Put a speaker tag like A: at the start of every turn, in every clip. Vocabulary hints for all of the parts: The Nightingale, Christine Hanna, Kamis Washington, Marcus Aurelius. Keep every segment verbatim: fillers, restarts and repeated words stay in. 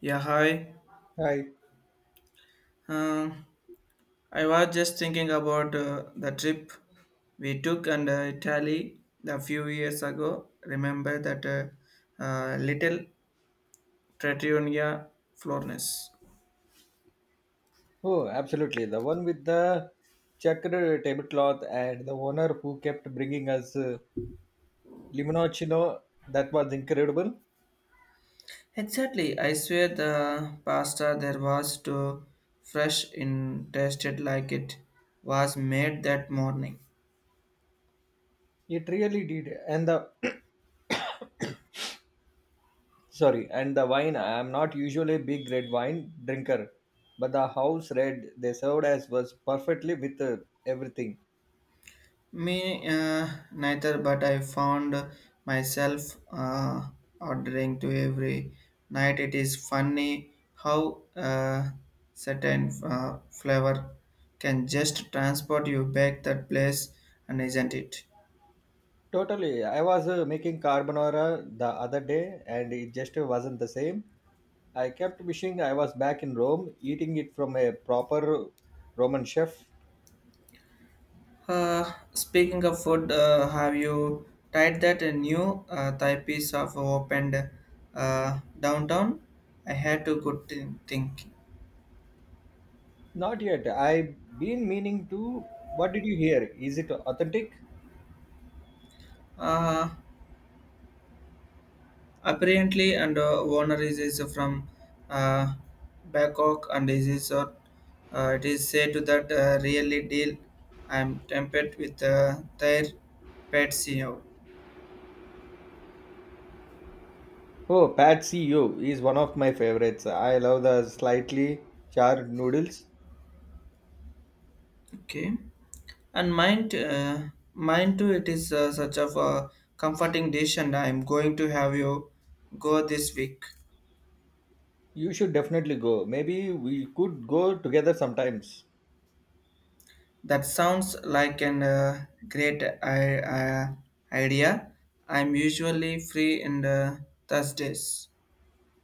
A: Yeah, hi.
B: Hi.
A: Um, I was just thinking about uh, the trip we took and uh, Italy a few years ago. Remember that uh, uh, little Trattoria Florence?
B: Oh, absolutely. The one with the checkered tablecloth and the owner who kept bringing us uh, limoncello. That was incredible.
A: Exactly. I swear the pasta there was too fresh in tasted like it was made that morning.
B: It really did. And the sorry, and the wine. I am not usually a big red wine drinker, but the house red they served as was perfectly with uh, everything.
A: Me uh, neither, but I found myself uh, ordering to every night. It is funny how uh, certain uh, flavor can just transport you back that place, and isn't it?
B: Totally. I was uh, making carbonara the other day, and it just wasn't the same. I kept wishing I was back in Rome, eating it from a proper Roman chef.
A: Uh, speaking of food, uh, have you tried that uh, new uh, Thai piece of opened uh, downtown? I had to good thi- think.
B: Not yet. I've been meaning to. What did you hear? Is it authentic?
A: Uh, Apparently, and uh, Warner is, is from uh, Bangkok and is, is uh, uh, it is said that uh, really deal. I'm tempted with uh, their pet C E O.
B: Oh, Patsy you is one of my favorites. I love the slightly charred noodles.
A: Okay, and mine, t- uh, mine too. It is uh, such of a comforting dish, and I'm going to have you go this week.
B: You should definitely go. Maybe we could go together sometimes.
A: That sounds like an uh, great I- I- idea. I'm usually free in the Thursdays.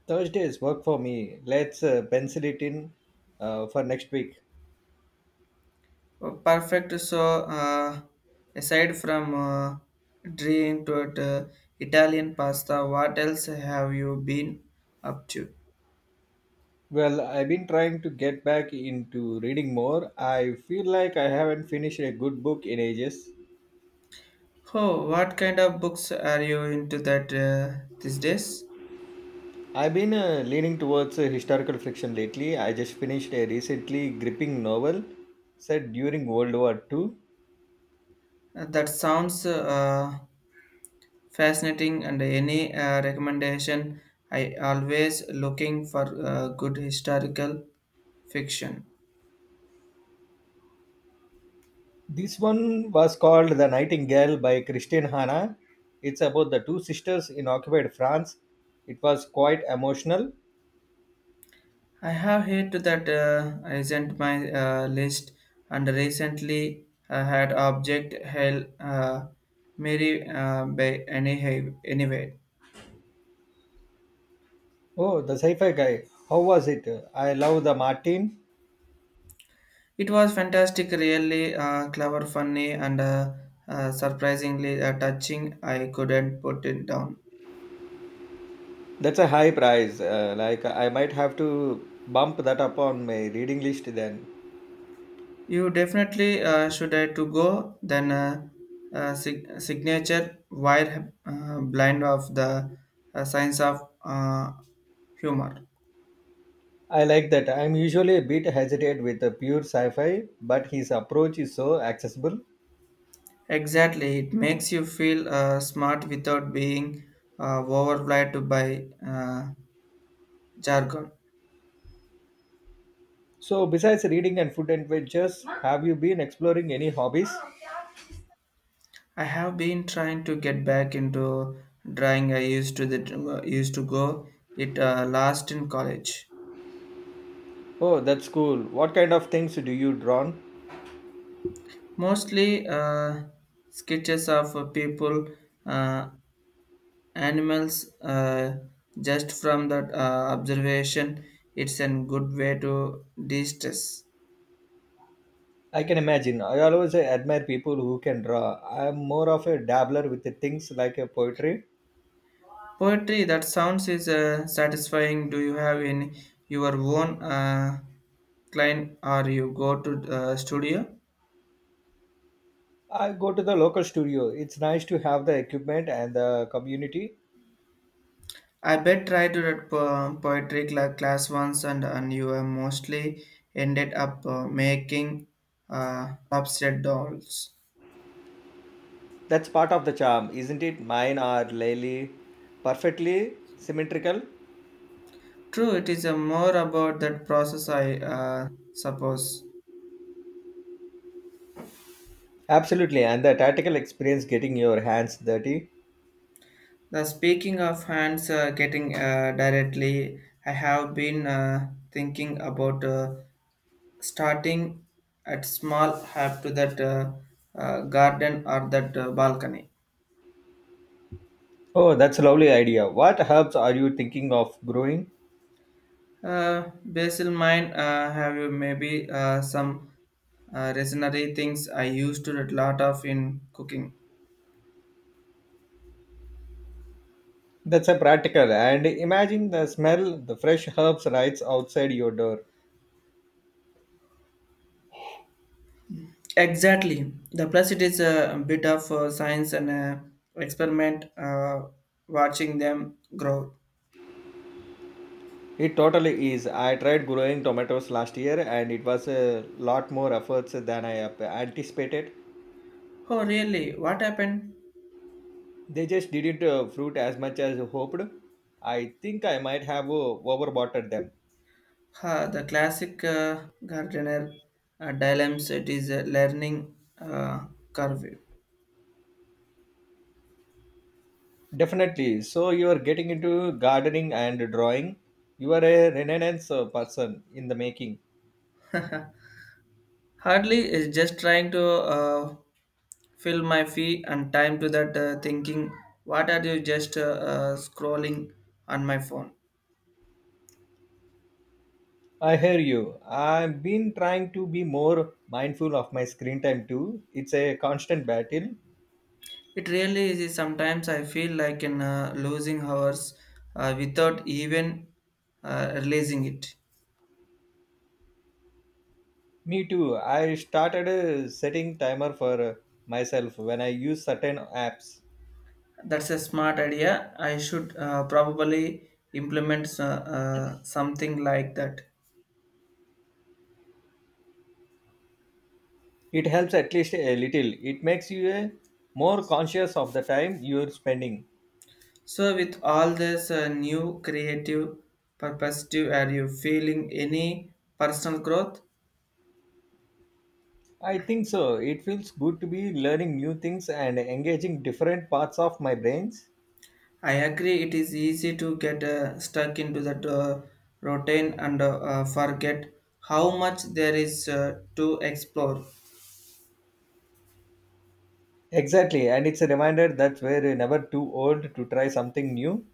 B: Thursdays work for me. Let's uh, pencil it in uh, for next week.
A: Oh, perfect. So, uh, aside from uh, dream to it, uh, Italian pasta, what else have you been up to?
B: Well, I've been trying to get back into reading more. I feel like I haven't finished a good book in ages.
A: Oh, what kind of books are you into that uh, these days?
B: I've been uh, leaning towards uh, historical fiction lately. I just finished a recently gripping novel set during World War Two.
A: Uh, that sounds uh, fascinating. And any uh, recommendation? I always looking for uh, good historical fiction.
B: This one was called The Nightingale by Christine Hanna. It's about the two sisters in occupied France. It was quite emotional.
A: I have heard that uh, isn't my uh, list, and recently I had object hell uh, Mary uh, by any anyway.
B: Oh, the sci fi guy. How was it? I love the Martin.
A: It was fantastic, really uh, clever, funny, and uh, uh, surprisingly uh, touching. I couldn't put it down.
B: That's a high price. Uh, like I might have to bump that up on my reading list then.
A: You definitely uh, should I to go then. Uh, uh, sig- signature wire uh, blind of the uh, science of uh, humor.
B: I like that. I'm usually a bit hesitant with the pure sci-fi, but his approach is so accessible.
A: Exactly, it makes you feel uh, smart without being uh, overwhelmed by uh, jargon.
B: So besides reading and food adventures, have you been exploring any hobbies?
A: I have been trying to get back into drawing. I used to the uh, used to go it uh, last in college.
B: Oh, that's cool. What kind of things do you draw?
A: Mostly uh, sketches of uh, people, uh, animals, uh, just from that uh, observation. It's a good way to de-stress.
B: I can imagine. I always admire people who can draw. I'm more of a dabbler with the things like a poetry.
A: Poetry that sounds is uh, satisfying. Do you have in your own uh, client or you go to uh, studio?
B: I go to the local studio. It's nice to have the equipment and the community.
A: I bet tried to that po- poetry cla- class once and, and you uh, mostly ended up uh, making uh, upset dolls.
B: That's part of the charm, isn't it? Mine are really perfectly symmetrical.
A: True, it is uh, more about that process, I uh, suppose.
B: Absolutely, and the tactical experience getting your hands dirty.
A: The speaking of hands uh, getting uh, directly, I have been uh, thinking about uh, starting at small have to that uh, uh, garden or that uh, balcony.
B: Oh, that's a lovely idea. What herbs are you thinking of growing?
A: Uh, basil mine uh, have you maybe uh, some uh, resinary things I used to a lot of in cooking.
B: That's a practical and imagine the smell the fresh herbs right outside your door.
A: Exactly. The plus it is a bit of uh, science and uh, experiment uh, watching them grow.
B: It totally is. I tried growing tomatoes last year and it was a lot more efforts than I ap- anticipated.
A: Oh really? What happened?
B: They just didn't uh, fruit as much as hoped. I think I might have uh, overwatered them.
A: Huh, the classic uh, gardener uh, dilemma it is a learning uh, curve.
B: Definitely. So you are getting into gardening and drawing. You are a renaissance uh, person in the making.
A: Hardly is just trying to uh, fill my fee and time to that uh, thinking. What are you just uh, uh, scrolling on my phone?
B: I hear you. I've been trying to be more mindful of my screen time too. It's a constant battle.
A: It really is. Sometimes I feel like in uh, losing hours uh, without even uh, realizing it.
B: Me too. I started uh, setting timer for uh, myself when I use certain apps.
A: That's a smart idea. I should uh, probably implement uh, uh, something like that.
B: It helps at least a little. It makes you uh, more conscious of the time you're spending.
A: So, with all this uh, new creative perspective, are you feeling any personal growth?
B: I think so. It feels good to be learning new things and engaging different parts of my brains.
A: I agree, it is easy to get uh, stuck into that uh, routine and uh, uh, forget how much there is uh, to explore.
B: Exactly, and it's a reminder that we're never too old to try something new.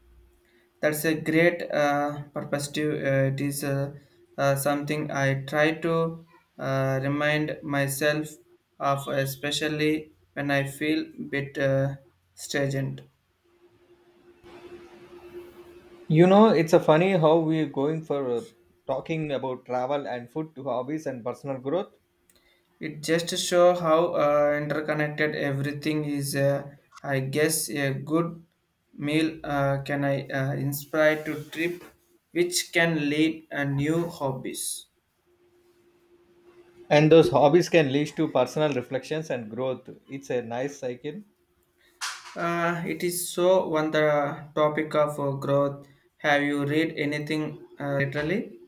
A: That's a great uh, perspective. Uh, it is uh, uh, something I try to uh, remind myself of, especially when I feel bit uh, stagnant.
B: You know, it's a funny how we're going for uh, talking about travel and food to hobbies and personal growth.
A: It just shows how uh, interconnected everything is. Uh, I guess a good meal uh, can I uh, inspire to trip, which can lead a new hobbies.
B: And those hobbies can lead to personal reflections and growth. It's a nice cycle.
A: Uh, it is so on the topic of uh, growth. Have you read anything uh, literally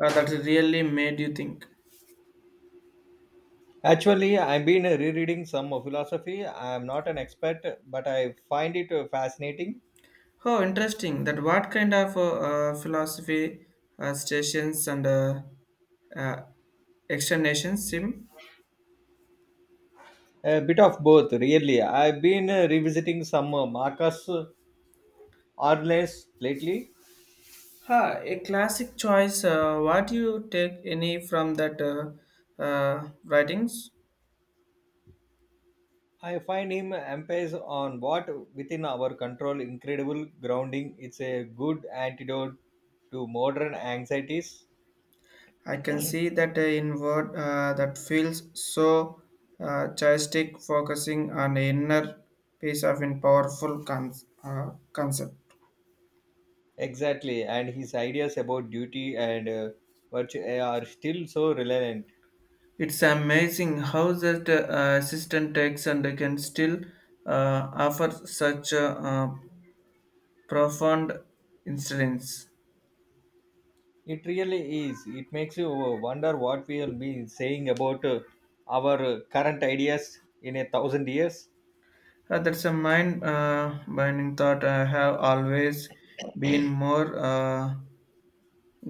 A: uh, that really made you think?
B: Actually, I've been uh, rereading some philosophy. I'm not an expert, but I find it uh, fascinating.
A: Oh, interesting. That what kind of uh, uh, philosophy uh, stations and uh, uh, exterminations sim?
B: A bit of both, really. I've been uh, revisiting some uh, Marcus Aurelius lately.
A: Ha, a classic choice. Uh, what do you take any from that uh, uh, writings?
B: I find him emphasis on what within our control, incredible grounding. It's a good antidote to modern anxieties.
A: I can see that uh, in word uh, that feels so uh, joystick, focusing on the inner piece of in powerful con- uh, concept.
B: Exactly, and his ideas about duty and uh, virtue eh, are still so relevant.
A: It's amazing how that uh, assistant takes and can still uh, offer such a uh, profound incidents.
B: It really is. It makes you uh, wonder what we'll be saying about uh, our uh, current ideas in a thousand years.
A: Uh, that's a mind uh, binding thought. I have always been more uh,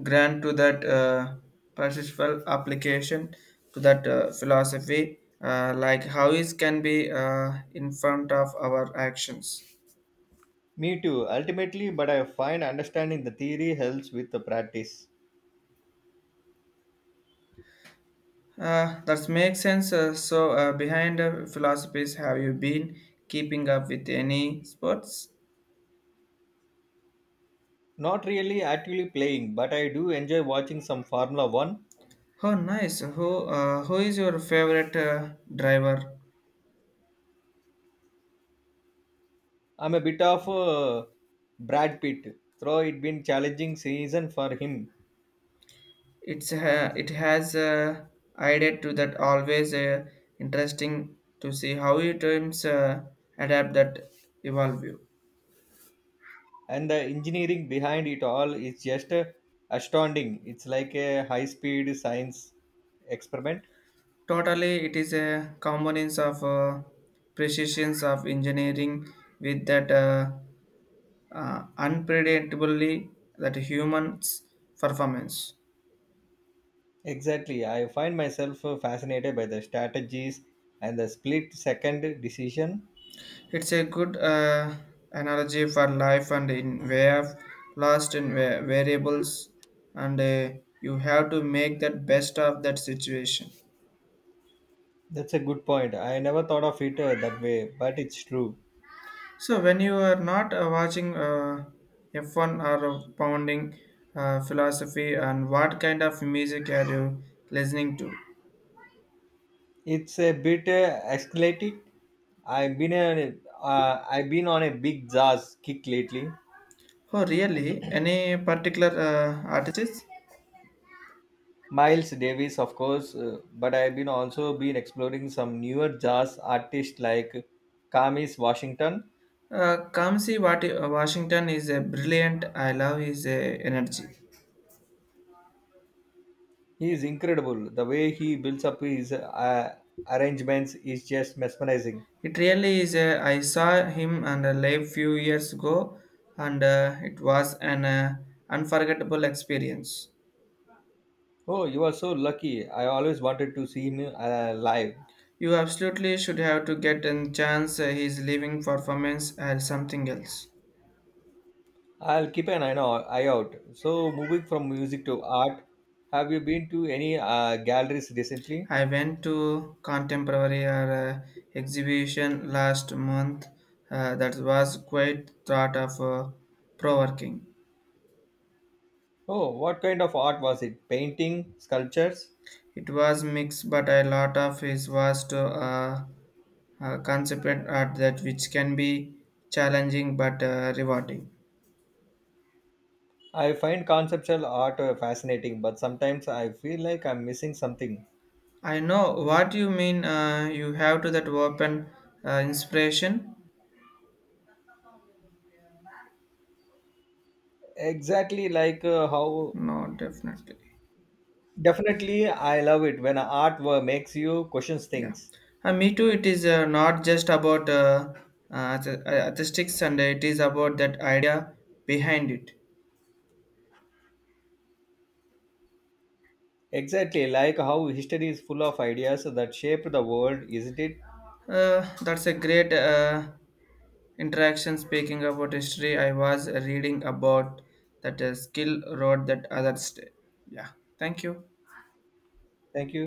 A: grand to that uh, perceptual application to that uh, philosophy, uh, like how it can be uh, in front of our actions.
B: Me too, ultimately, but I find understanding the theory helps with the practice.
A: Uh, that makes sense. Uh, so, uh, behind the philosophies, have you been keeping up with any sports?
B: Not really actively playing, but I do enjoy watching some Formula one.
A: Oh, nice. Who uh, who is your favorite uh, driver?
B: I'm a bit of a Brad Pitt, though it been challenging season for him,
A: It's uh, it has uh, added to that always uh, interesting to see how it terms uh, adapt that evolve you
B: and the engineering behind it all is just uh, astounding. It's like a high-speed science experiment.
A: totally it is a components of uh, precisions of engineering with that uh, uh, unpredictably that humans performance
B: Exactly, I find myself uh, fascinated by the strategies and the split-second decision.
A: It's a good uh, analogy for life and in way of lost in va- variables, and uh, you have to make that best of that situation.
B: That's a good point. I never thought of it uh, that way, but it's true.
A: So when you are not uh, watching uh, F one or pounding uh, philosophy, and what kind of music are you listening to?
B: It's a bit uh, escalating. I've been a, uh, I've been on a big jazz kick lately.
A: Oh, really? Any particular uh, artists?
B: Miles Davis, of course, uh, but I've been also been exploring some newer jazz artists like Kamis Washington.
A: Uh, Kamsi Wat- Washington is a brilliant. I love his uh, energy.
B: He is incredible. The way he builds up his uh, arrangements is just mesmerizing.
A: It really is. A, I saw him and a live few years ago, and uh, it was an uh, unforgettable experience.
B: Oh, you are so lucky. I always wanted to see him uh, live.
A: You absolutely should have to get a chance. Uh, his living performance or something else.
B: I'll keep an eye now- eye out. So, moving from music to art, have you been to any uh, galleries recently?
A: I went to contemporary uh, exhibition last month. Uh, that was quite thought of uh, provoking.
B: Oh, what kind of art was it? Painting, sculptures?
A: It was mixed, but a lot of his was to. Uh, uh, concept at that which can be challenging but uh, rewarding.
B: I find conceptual art uh, fascinating, but sometimes I feel like I'm missing something.
A: I know what you mean. Uh, you have to that open uh, inspiration.
B: Exactly like uh, how
A: No, definitely.
B: Definitely I love it when art wa- makes you question
A: Yeah.
B: things.
A: Uh, me too. It is uh, not just about uh, uh, the- uh, artistics, and it is about that idea behind it.
B: Exactly like how history is full of ideas that shape the world, isn't it?
A: Uh, that's a great uh, interaction. Speaking about history, I was reading about that uh, skill road that others. Day. Yeah. Thank you.
B: Thank you.